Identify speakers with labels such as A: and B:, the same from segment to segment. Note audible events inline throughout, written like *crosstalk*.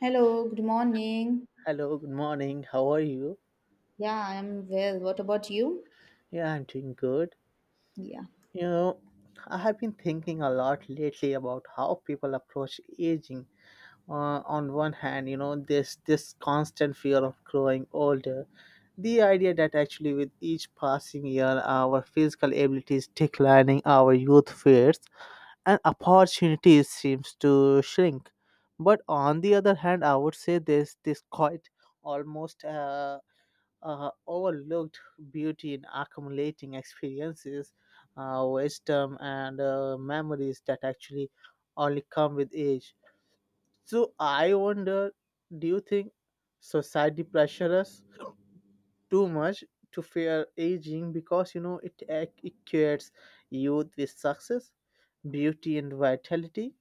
A: Hello, good morning.
B: Hello, good morning. How are you?
A: Yeah, I'm well. What about you?
B: Yeah, I'm doing good.
A: Yeah.
B: You know, I have been thinking a lot lately about how people approach aging. On one hand, this constant fear of growing older, the idea that actually with each passing year our physical abilities declining, our youth fades, and opportunities seems to shrink. But on the other hand, I would say this quite almost overlooked beauty in accumulating experiences, wisdom, and memories that actually only come with age. So I wonder, do you think society pressures too much to fear aging because it youth with success, beauty, and vitality.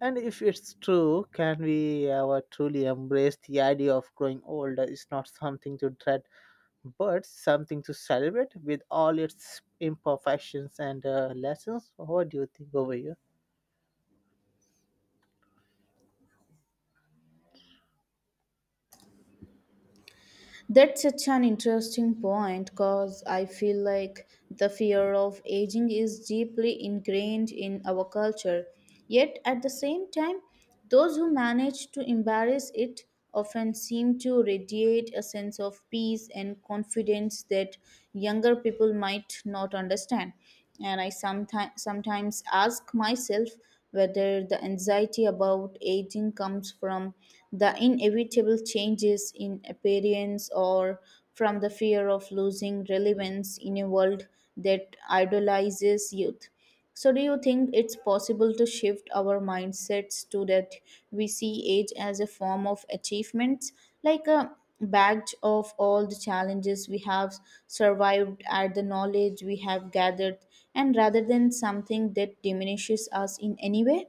B: And if it's true, can we ever truly embrace the idea of growing older? Is not something to dread, but something to celebrate with all its imperfections and lessons. What do you think over here?
A: That's such an interesting point because I feel like the fear of aging is deeply ingrained in our culture. Yet at the same time, those who manage to embrace it often seem to radiate a sense of peace and confidence that younger people might not understand. And I sometimes ask myself whether the anxiety about aging comes from the inevitable changes in appearance or from the fear of losing relevance in a world that idolizes youth. So, do you think it's possible to shift our mindsets to that we see age as a form of achievements, like a badge of all the challenges we have survived, at the knowledge we have gathered, and rather than something that diminishes us in any way?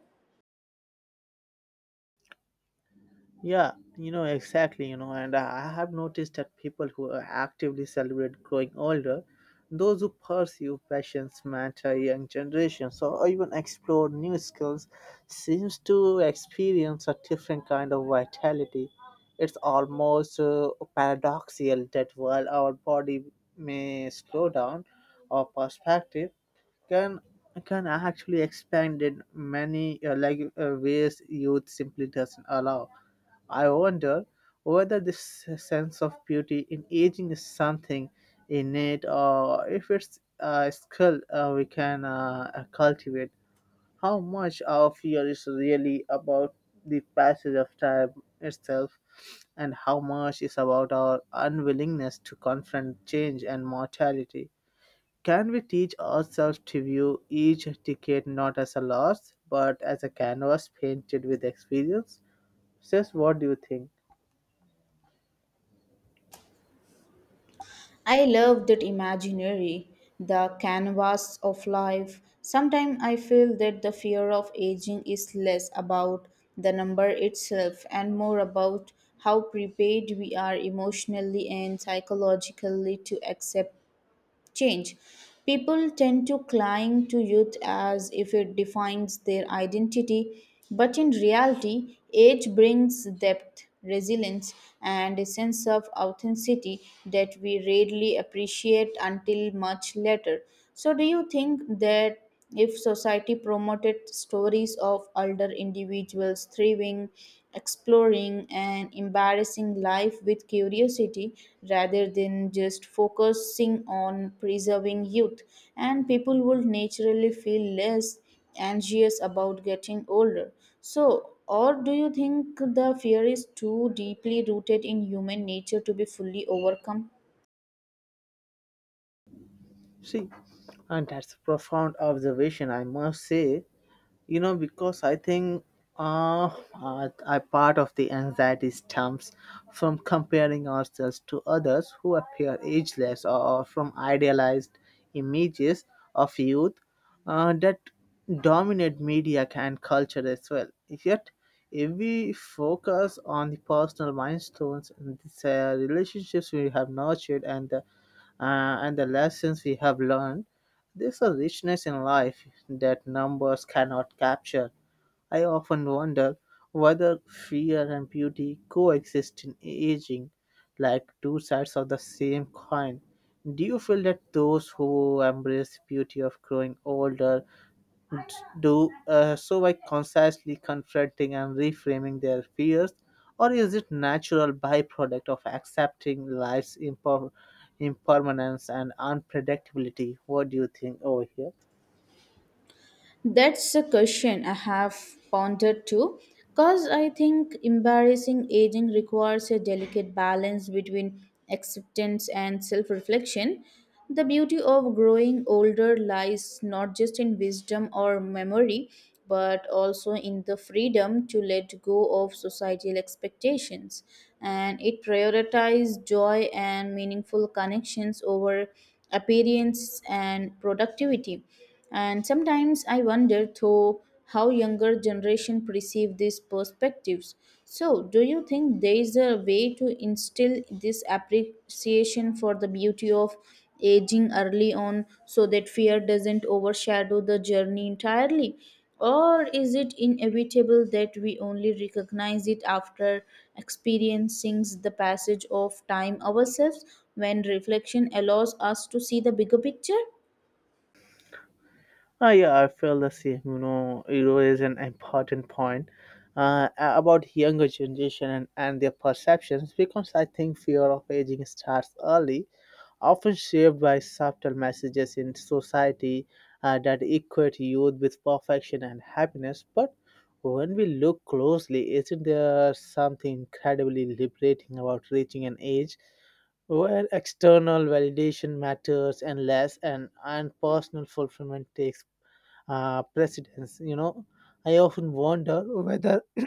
B: Yeah, exactly, and I have noticed that people who actively celebrate growing older, those who pursue passions, mentor young generations, or even explore new skills, seems to experience a different kind of vitality. It's almost paradoxical that while our body may slow down, our perspective can can actually expand in many like ways youth simply doesn't allow. I wonder whether this sense of beauty in aging is something innate or if it's a skill we can cultivate. How much of fear is really about the passage of time itself, and how much is about our unwillingness to confront change and mortality? Can we teach ourselves to view each decade not as a loss but as a canvas painted with experience? Sis, what do you think?
A: I love that imaginary, the canvas of life. Sometimes I feel that the fear of aging is less about the number itself and more about how prepared we are emotionally and psychologically to accept change. People tend to cling to youth as if it defines their identity, but in reality, age brings depth, resilience, and a sense of authenticity that we rarely appreciate until much later. So, do you think that? If society promoted stories of older individuals thriving, exploring, and embarrassing life with curiosity rather than just focusing on preserving youth, and people would naturally feel less anxious about getting older. So, or do you think the fear is too deeply rooted in human nature to be fully overcome?
B: See, and that's a profound observation, I must say, because I think, uh, a part of the anxiety stems from comparing ourselves to others who appear ageless or from idealized images of youth that dominate media and culture as well. Yet, if we focus on the personal milestones and the relationships we have nurtured, and the lessons we have learned, there's a richness in life that numbers cannot capture. I often wonder whether fear and beauty coexist in aging, like two sides of the same coin. Do you feel that those who embrace the beauty of growing older do so by consciously confronting and reframing their fears, or is it natural byproduct of accepting life's impermanence and unpredictability? What do you think over here?
A: That's a question I have pondered too, because I think embarrassing aging requires a delicate balance between acceptance and self reflection. The beauty of growing older lies not just in wisdom or memory, but also in the freedom to let go of societal expectations. And it prioritizes joy and meaningful connections over appearance and productivity. And sometimes I wonder, though, how younger generation perceive these perspectives. So, do you think there is a way to instill this appreciation for the beauty of aging early on so that fear doesn't overshadow the journey entirely? Or is it inevitable that we only recognize it after experiencing the passage of time ourselves, when reflection allows us to see the bigger picture?
B: Ah, yeah, I feel the same. It is an important point about younger generation and their perceptions, because I think fear of aging starts early, often shaped by subtle messages in society that equate youth with perfection and happiness. But when we look closely, isn't there something incredibly liberating about reaching an age where external validation matters and less and personal fulfillment takes precedence? I often wonder whether *clears throat*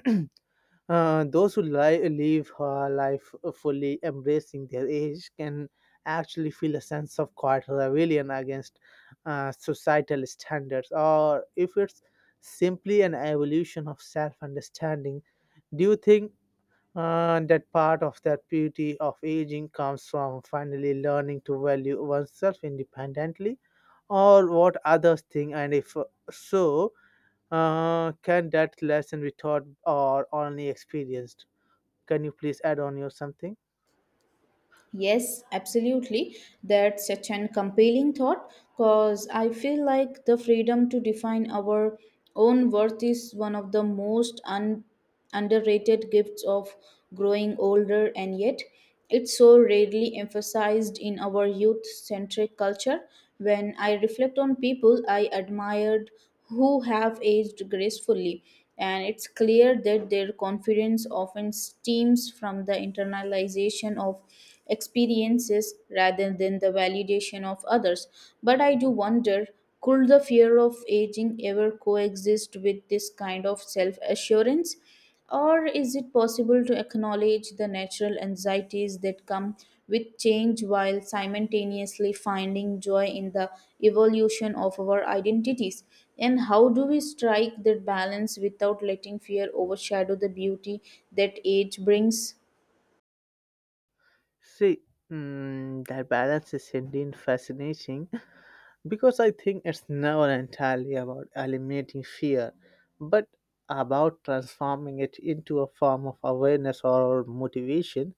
B: Those who live life fully embracing their age can actually feel a sense of quiet rebellion against societal standards, or if it's simply an evolution of self understanding. Do you think that part of that beauty of aging comes from finally learning to value oneself independently, or what others think? And if so, can that lesson be taught or only experienced? Can you please add on your something?
A: Yes, absolutely. That's such an compelling thought because I feel like the freedom to define our own worth is one of the most underrated gifts of growing older, and yet it's so rarely emphasized in our youth centric culture. When I reflect on people I admired who have aged gracefully, and it's clear that their confidence often stems from the internalization of experiences rather than the validation of others. But I do wonder, could the fear of aging ever coexist with this kind of self assurance? Or is it possible to acknowledge the natural anxieties that come with change while simultaneously finding joy in the evolution of our identities? And how do we strike that balance without letting fear overshadow the beauty that age brings?
B: See, that balance is indeed fascinating *laughs* because I think it's never entirely about eliminating fear, but about transforming it into a form of awareness or motivation.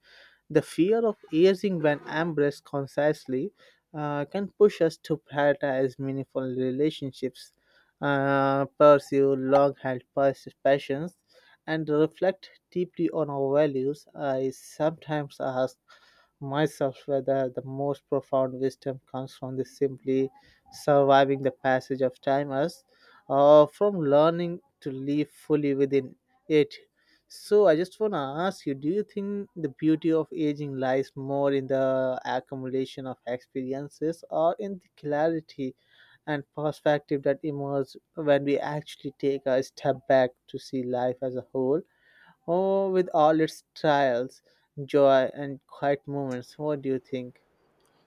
B: The fear of aging, when embraced consciously, can push us to prioritize meaningful relationships, pursue long-held passions, and reflect deeply on our values. I sometimes ask myself whether the most profound wisdom comes from the simply surviving the passage of time as from learning to live fully within it. So I just wanna ask you, do you think the beauty of aging lies more in the accumulation of experiences or in the clarity and perspective that emerge when we actually take a step back to see life as a whole, or with all its trials, joy and quiet moments? What do you think?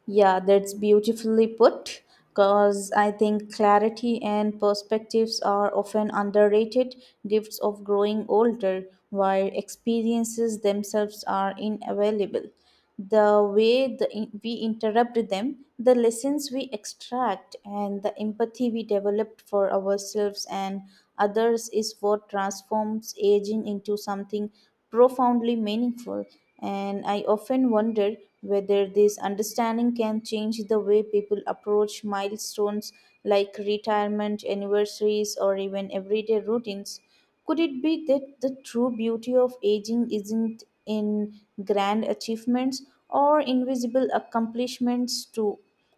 A: Yeah, that's beautifully put because I think clarity and perspectives are often underrated gifts of growing older, while experiences themselves are inavailable. The way the, we interrupt them, the lessons we extract, and the empathy we develop for ourselves and others is what transforms aging into something profoundly meaningful. And I often wonder whether this understanding can change the way people approach milestones like retirement, anniversaries, or even everyday routines. Could it be that the true beauty of aging isn't in grand achievements or invisible accomplishments too?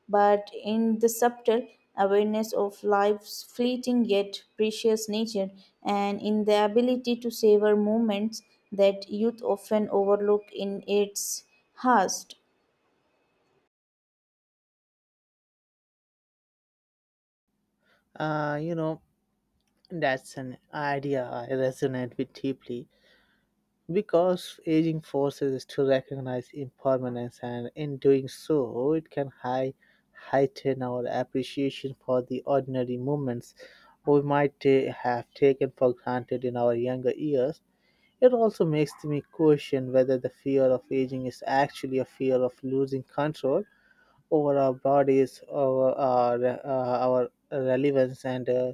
A: But in the subtle awareness of life's fleeting yet precious nature, and in the ability to savor moments that youth often overlook in its haste.
B: Uh, you know, that's an idea I resonate with deeply, because aging forces us to recognize impermanence, and in doing so, it can heighten our appreciation for the ordinary moments we might have taken for granted in our younger years. It also makes me question whether the fear of aging is actually a fear of losing control over our bodies, over our relevance, and uh,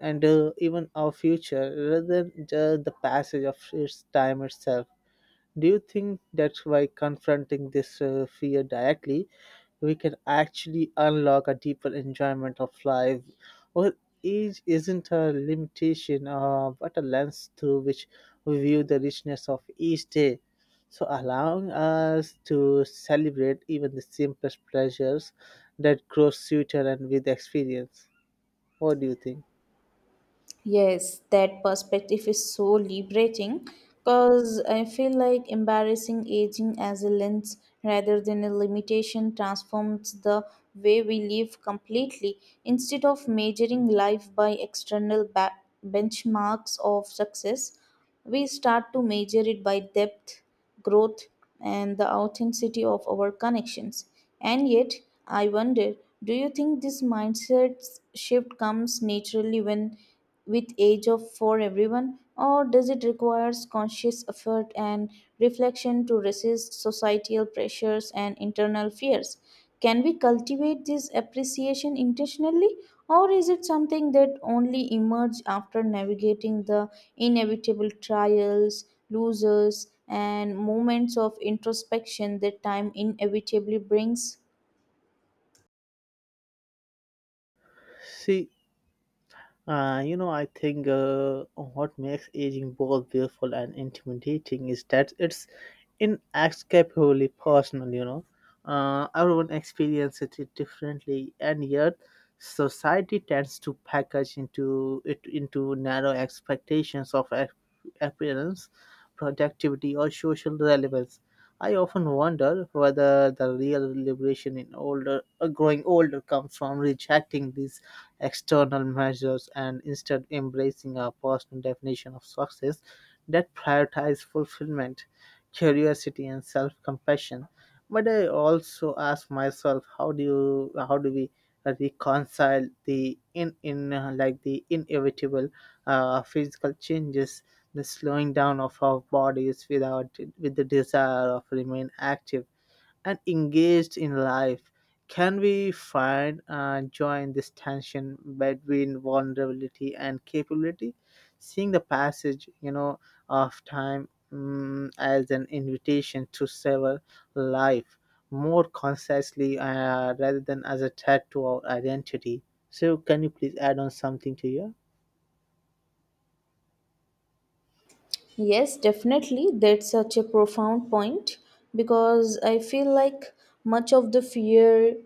B: and uh, even our future, rather than just the passage of its time itself. Do you think that's by confronting this fear directly, we can actually unlock a deeper enjoyment of life? Or age isn't a limitation, but a lens through which we view the richness of each day. So, allowing us to celebrate even the simplest pleasures that grow sweeter and with experience. What do you think?
A: Yes, that perspective is so liberating because I feel like embarrassing aging as a lens rather than a limitation transforms the way we live completely. Instead of measuring life by external benchmarks of success, we start to measure it by depth, growth, and the authenticity of our connections. And yet, I wonder, do you think this mindset shift comes naturally when with age of for everyone, or does it require conscious effort and reflection to resist societal pressures and internal fears? Can we cultivate this appreciation intentionally, or is it something that only emerges after navigating the inevitable trials, losers, and moments of introspection that time inevitably brings?
B: See, I think what makes aging both beautiful and intimidating is that it's inescapably personal. Everyone experiences it differently, and yet society tends to package into it into narrow expectations of appearance, productivity, or social relevance. I often wonder whether the real liberation in growing older comes from rejecting these external measures and instead embracing a personal definition of success that prioritizes fulfillment, curiosity, and self-compassion. But I also ask myself, how do we reconcile the in like the inevitable physical changes, the slowing down of our bodies without with the desire of remain active, and engaged in life. Can we find joy in this tension between vulnerability and capability, seeing the passage, of time as an invitation to savor life more consciously, rather than as a threat to our identity? So, can you please add on something to you?
A: Yes, definitely. That's such a profound point because I feel like much of the fear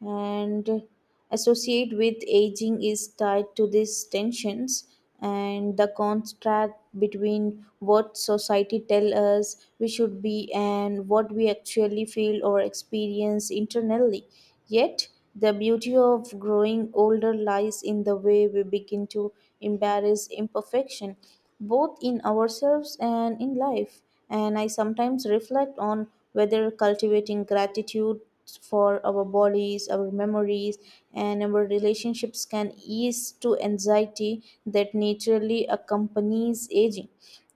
A: and associate with aging is tied to these tensions, and the contrast between what society tell us we should be and what we actually feel or experience internally. Yet, the beauty of growing older lies in the way we begin to embrace imperfection, both in ourselves and in life. And I sometimes reflect on whether cultivating gratitude for our bodies, our memories, and our relationships can ease to anxiety that naturally accompanies aging.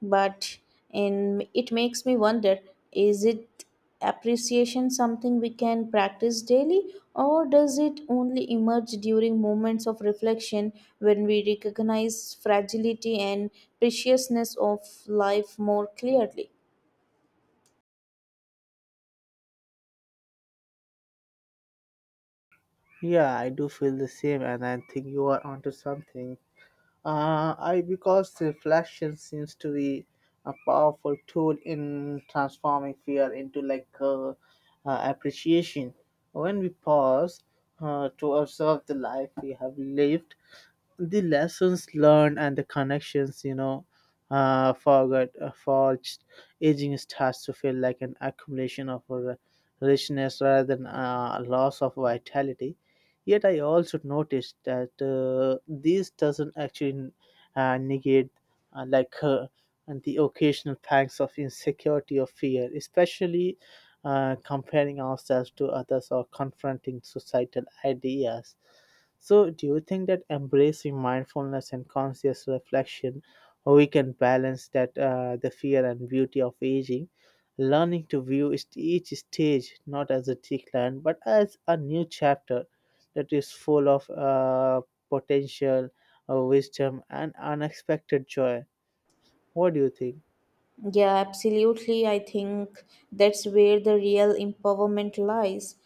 A: But and it makes me wonder: is it appreciation something we can practice daily, or does it only emerge during moments of reflection when we recognize fragility and preciousness of life more clearly?
B: Yeah, I do feel the same, and I think you are onto something. I Because reflection seems to be a powerful tool in transforming fear into like appreciation. When we pause to observe the life we have lived, the lessons learned and the connections you know forgot forged, aging starts to feel like an accumulation of richness rather than a loss of vitality. Yet I also noticed that this doesn't actually negate, like, and the occasional pangs of insecurity or fear, especially comparing ourselves to others or confronting societal ideas. So, do you think that embracing mindfulness and conscious reflection, we can balance that the fear and beauty of aging, learning to view each stage not as a decline but as a new chapter that is full of potential, wisdom, and unexpected joy? What do you think?
A: Yeah, absolutely. I think that's where the real empowerment lies,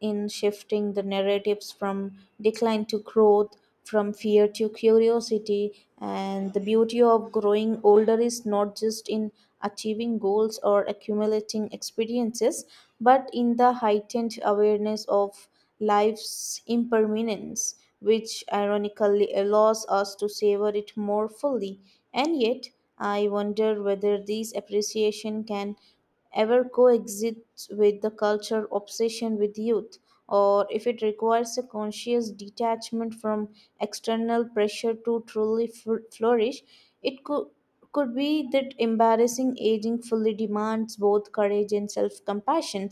A: in shifting the narratives from decline to growth, from fear to curiosity. And the beauty of growing older is not just in achieving goals or accumulating experiences, but in the heightened awareness of life's impermanence, which ironically allows us to savor it more fully. And yet, I wonder whether this appreciation can ever coexist with the culture obsession with youth, or if it requires a conscious detachment from external pressure to truly flourish. It could be that embarrassing aging fully demands both courage and self-compassion,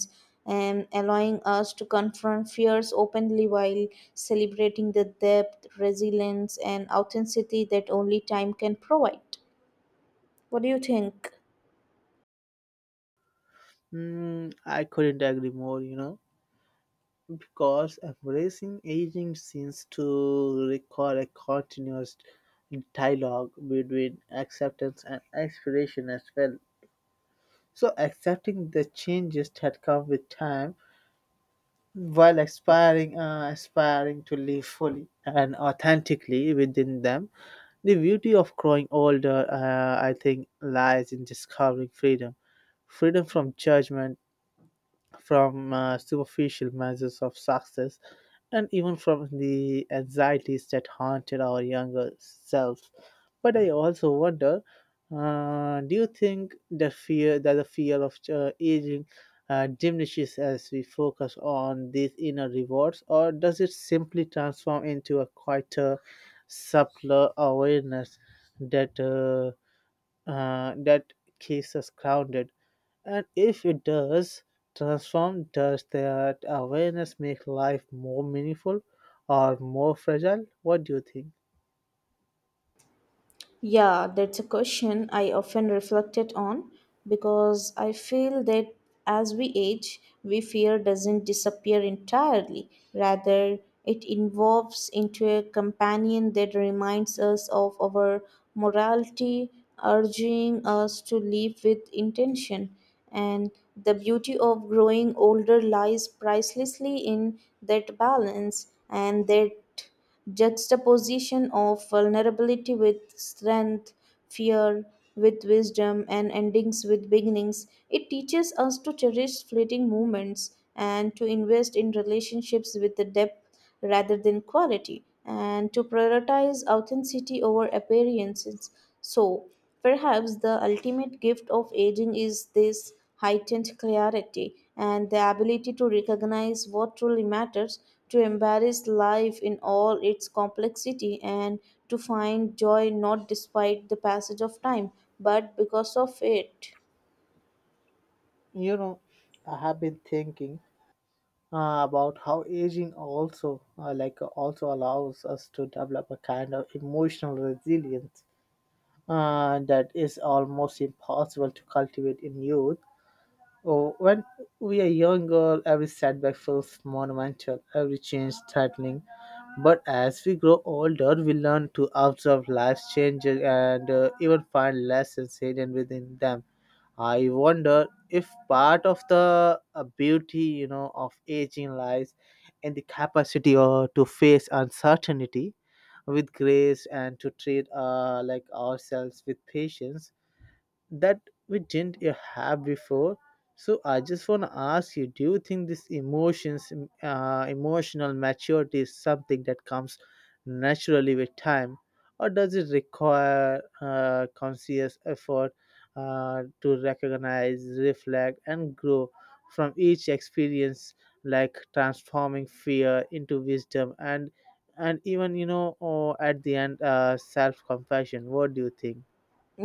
A: and allowing us to confront fears openly while celebrating the depth resilience and authenticity that only time can provide. What do you think?
B: Mm, I couldn't agree more. Because embracing aging seems to require a continuous dialogue between acceptance and aspiration as well. So, accepting the changes that come with time, while aspiring to live fully and authentically within them. The beauty of growing older, I think, lies in discovering freedom from judgment, from superficial measures of success, and even from the anxieties that haunted our younger selves. But I also wonder, do you think the fear of aging diminishes as we focus on these inner rewards, or does it simply transform into a quieter, subtler awareness that uh, that keeps us grounded? And if it does transform, does that awareness make life more meaningful or more fragile? What do you think?
A: Yeah, that's a question I often reflected on, because I feel that as we age, we fear doesn't disappear entirely. Rather, it evolves into a companion that reminds us of our morality, urging us to live with intention. And the beauty of growing older lies pricelessly in that balance and that juxtaposition of vulnerability with strength, fear with wisdom, and endings with beginnings. It teaches us to cherish fleeting moments and to invest in relationships with the depth rather than quality, and to prioritize authenticity over appearances. So, perhaps the ultimate gift of aging is this heightened clarity and the ability to recognize what truly matters, to embrace life in all its complexity, and to find joy not despite the passage of time, but because of it.
B: You know, I have been thinking about how aging also allows us to develop a kind of emotional resilience that is almost impossible to cultivate in youth. Oh, when we are young girl, every setback feels monumental, every change threatening. But as we grow older, we learn to observe life's changes and even find lessons hidden within them. I wonder if part of the beauty, of aging lies in the capacity or to face uncertainty with grace, and to treat like ourselves with patience that we didn't have before. So I just want to ask you: Do you think this emotional maturity is something that comes naturally with time, or does it require conscious effort to recognize, reflect, and grow from each experience, like transforming fear into wisdom and even, or at the end, self-compassion? What do you think?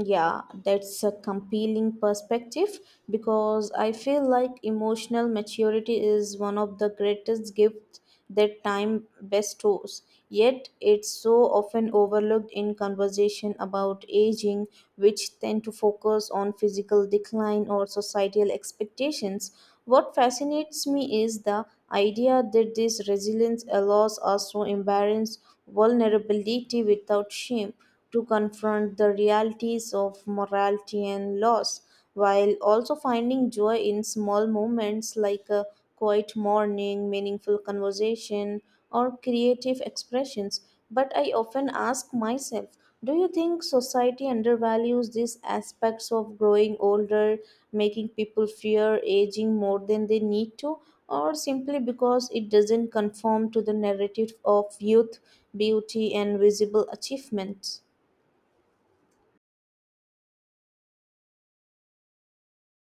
A: Yeah, that's a compelling perspective because I feel like emotional maturity is one of the greatest gifts that time bestows. Yet it's so often overlooked in conversation about aging, which tend to focus on physical decline or societal expectations. What fascinates me is the idea that this resilience allows us to embrace vulnerability without shame, to confront the realities of morality and loss, while also finding joy in small moments like a quiet morning, meaningful conversation, or creative expressions. But I often ask myself, do you think society undervalues these aspects of growing older, making people fear aging more than they need to, or simply because it doesn't conform to the narrative of youth, beauty, and visible achievements?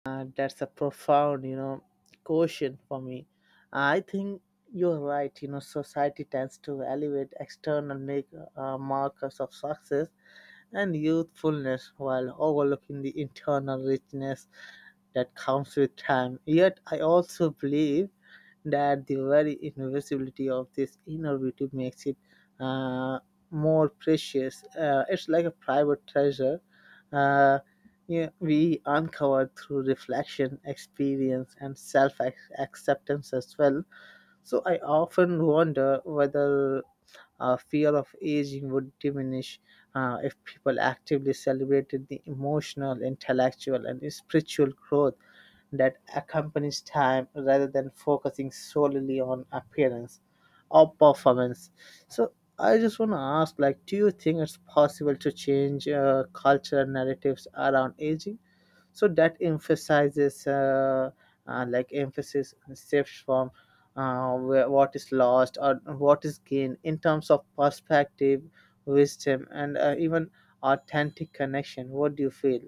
B: That's a profound, question for me. I think you're right. Society tends to elevate external markers of success and youthfulness, while overlooking the internal richness that comes with time. Yet, I also believe that the very invisibility of this inner beauty makes it uh, more precious. It's like a private treasure. Uh, yeah, we uncover through reflection, experience, and self acceptance as well. So I often wonder whether fear of aging would diminish if people actively celebrated the emotional, intellectual, and spiritual growth that accompanies time rather than focusing solely on appearance. Or performance. So I just want to ask, like, do you think it's possible to change cultural narratives around aging? So that emphasizes, like, emphasis shifts from what is lost or what is gained in terms of perspective, wisdom, and even authentic connection. What do you feel?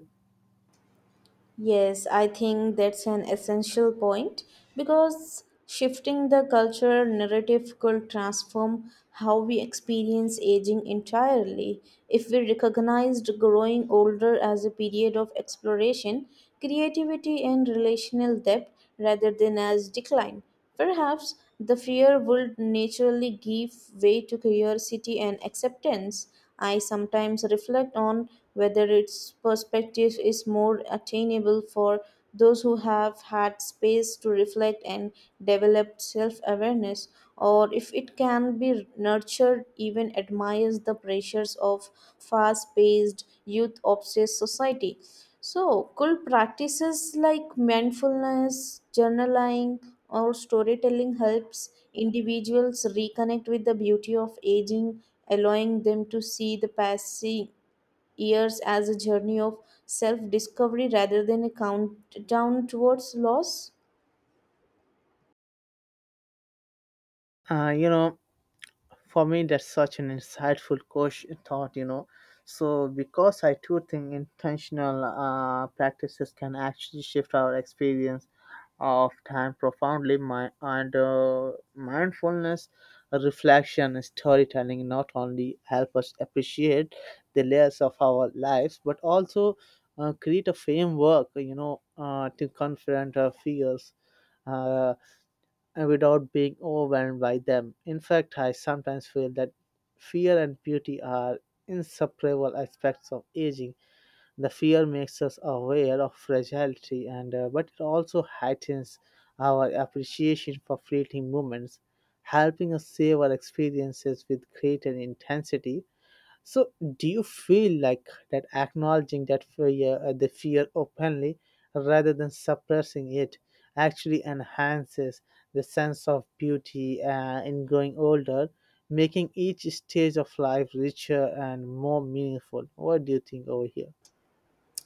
A: Yes, I think that's an essential point because shifting the cultural narrative could transform how we experience aging entirely. If we recognized growing older as a period of exploration, creativity, and relational depth rather than as decline, perhaps the fear would naturally give way to curiosity and acceptance. I sometimes reflect on whether its perspective is more attainable for those who have had space to reflect and develop self awareness, or if it can be nurtured, even admires the pressures of fast paced, youth obsessed society. So, could practices like mindfulness, journaling, our storytelling helps individuals reconnect with the beauty of aging, allowing them to see the passing years as a journey of self discovery rather than a countdown towards loss.
B: Uh, you know, For me, that's such an insightful question thought, you know. So, because I too think intentional practices can actually shift our experience of time profoundly, my, and mindfulness, reflection, and storytelling not only help us appreciate the layers of our lives, but also create a framework, to confront our fears uh, and without being overwhelmed by them. In fact, I sometimes feel that fear and beauty are inseparable aspects of aging. The fear makes us aware of fragility, and but it also heightens our appreciation for fleeting moments, helping us savor experiences with greater intensity. So, do you feel like that acknowledging the fear openly, rather than suppressing it, actually enhances the sense of beauty in growing older, making each stage of life richer and more meaningful? What do you think over here?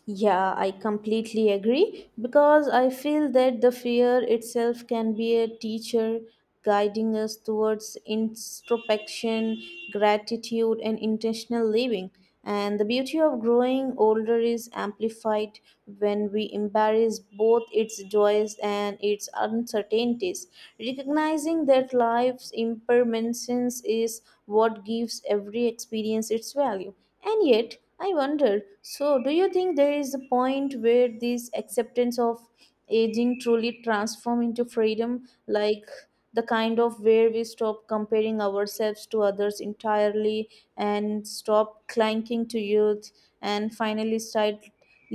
A: Yeah, I completely agree because I feel that the fear itself can be a teacher, guiding us towards introspection, gratitude, and intentional living. And the beauty of growing older is amplified when we embrace both its joys and its uncertainties, recognizing that life's impermanence is what gives every experience its value. And yet, I wonder, so, do you think there is a point where this acceptance of aging truly transforms into freedom, like the kind of where we stop comparing ourselves to others entirely and stop clanking to youth and finally start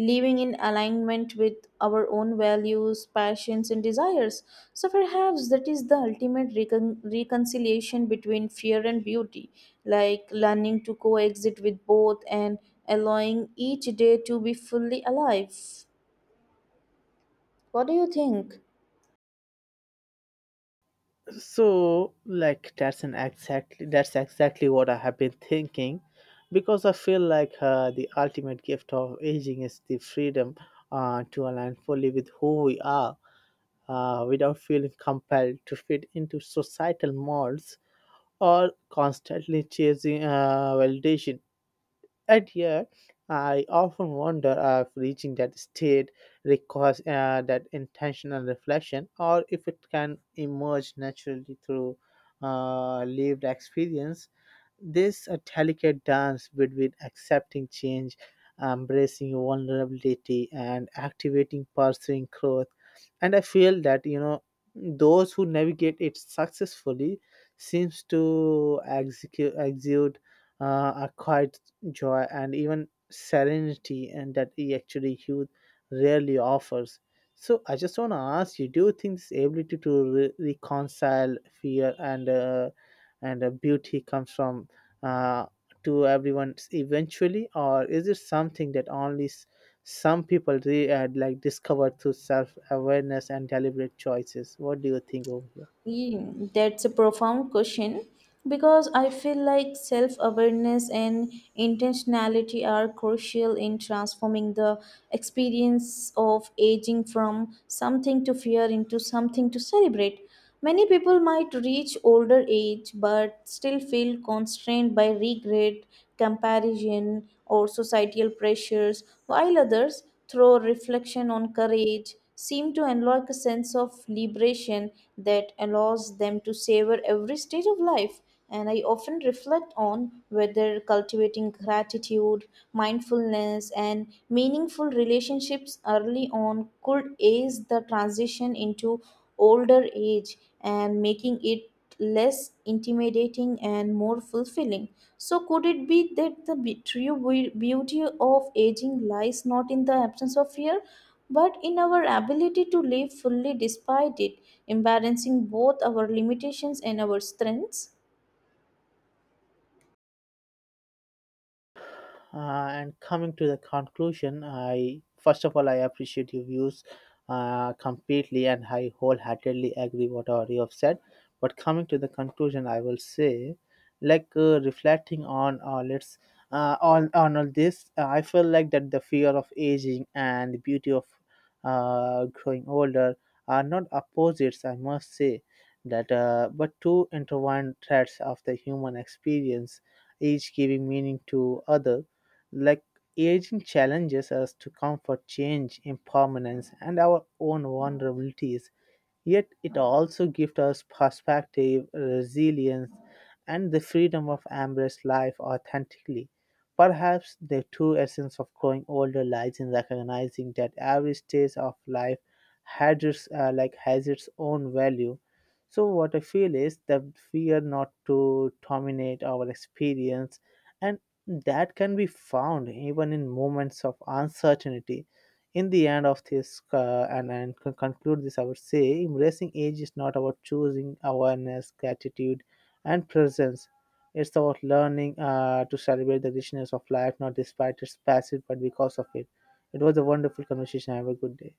A: living in alignment with our own values, passions, and desires? So, perhaps that is the ultimate reconciliation between fear and beauty, like learning to coexist with both and allowing each day to be fully alive. What do you think?
B: So, like that's exactly what I have been thinking, because I feel like the ultimate gift of aging is the freedom to align fully with who we are without feeling compelled to fit into societal molds or constantly chasing validation. And yet, I often wonder if reaching that state requires that intentional reflection or if it can emerge naturally through lived experience this a delicate dance between accepting change, embracing vulnerability, and activating pursuing growth. And I feel that you know those who navigate it successfully seems to exude uh, a quiet joy and even serenity, and that he actually youth rarely offers. So I just want to ask you: do you think this ability to reconcile fear and beauty comes from uh, to everyone eventually, or is it something that only some people like discover through self awareness and deliberate choices? What do you think over here?
A: Yeah, that's a profound question because I feel like self awareness and intentionality are crucial in transforming the experience of aging from something to fear into something to celebrate. Many people might reach older age but still feel constrained by regret, comparison, or societal pressures, while others, through reflection on courage, seem to unlock a sense of liberation that allows them to savor every stage of life. And I often reflect on whether cultivating gratitude, mindfulness, and meaningful relationships early on could ease the transition into older age, and making it less intimidating and more fulfilling. So, could it be that the true beauty of aging lies not in the absence of fear, but in our ability to live fully despite it, embracing both our limitations and our strengths?
B: And coming to the conclusion, I first of all I appreciate your views completely, and I wholeheartedly agree whatever you have said. But coming to the conclusion, I will say, like reflecting on let's on all this, I feel like that the fear of aging and the beauty of growing older are not opposites. I must say that, but two intertwined threads of the human experience each giving meaning to other, like aging challenges us to comfort change, impermanence, and our own vulnerabilities. Yet it also gives us perspective, resilience, and the freedom of embrace life authentically. Perhaps the true essence of growing older lies in recognizing that every stage of life has its, has its own value. So what I feel is that we are not to dominate our experience, and that can be found even in moments of uncertainty in the end of this and conclude this, I would say embracing age is not about choosing awareness, gratitude, and presence. It's about learning to celebrate the richness of life not despite its passage but because of it. It was a wonderful conversation. Have a good day.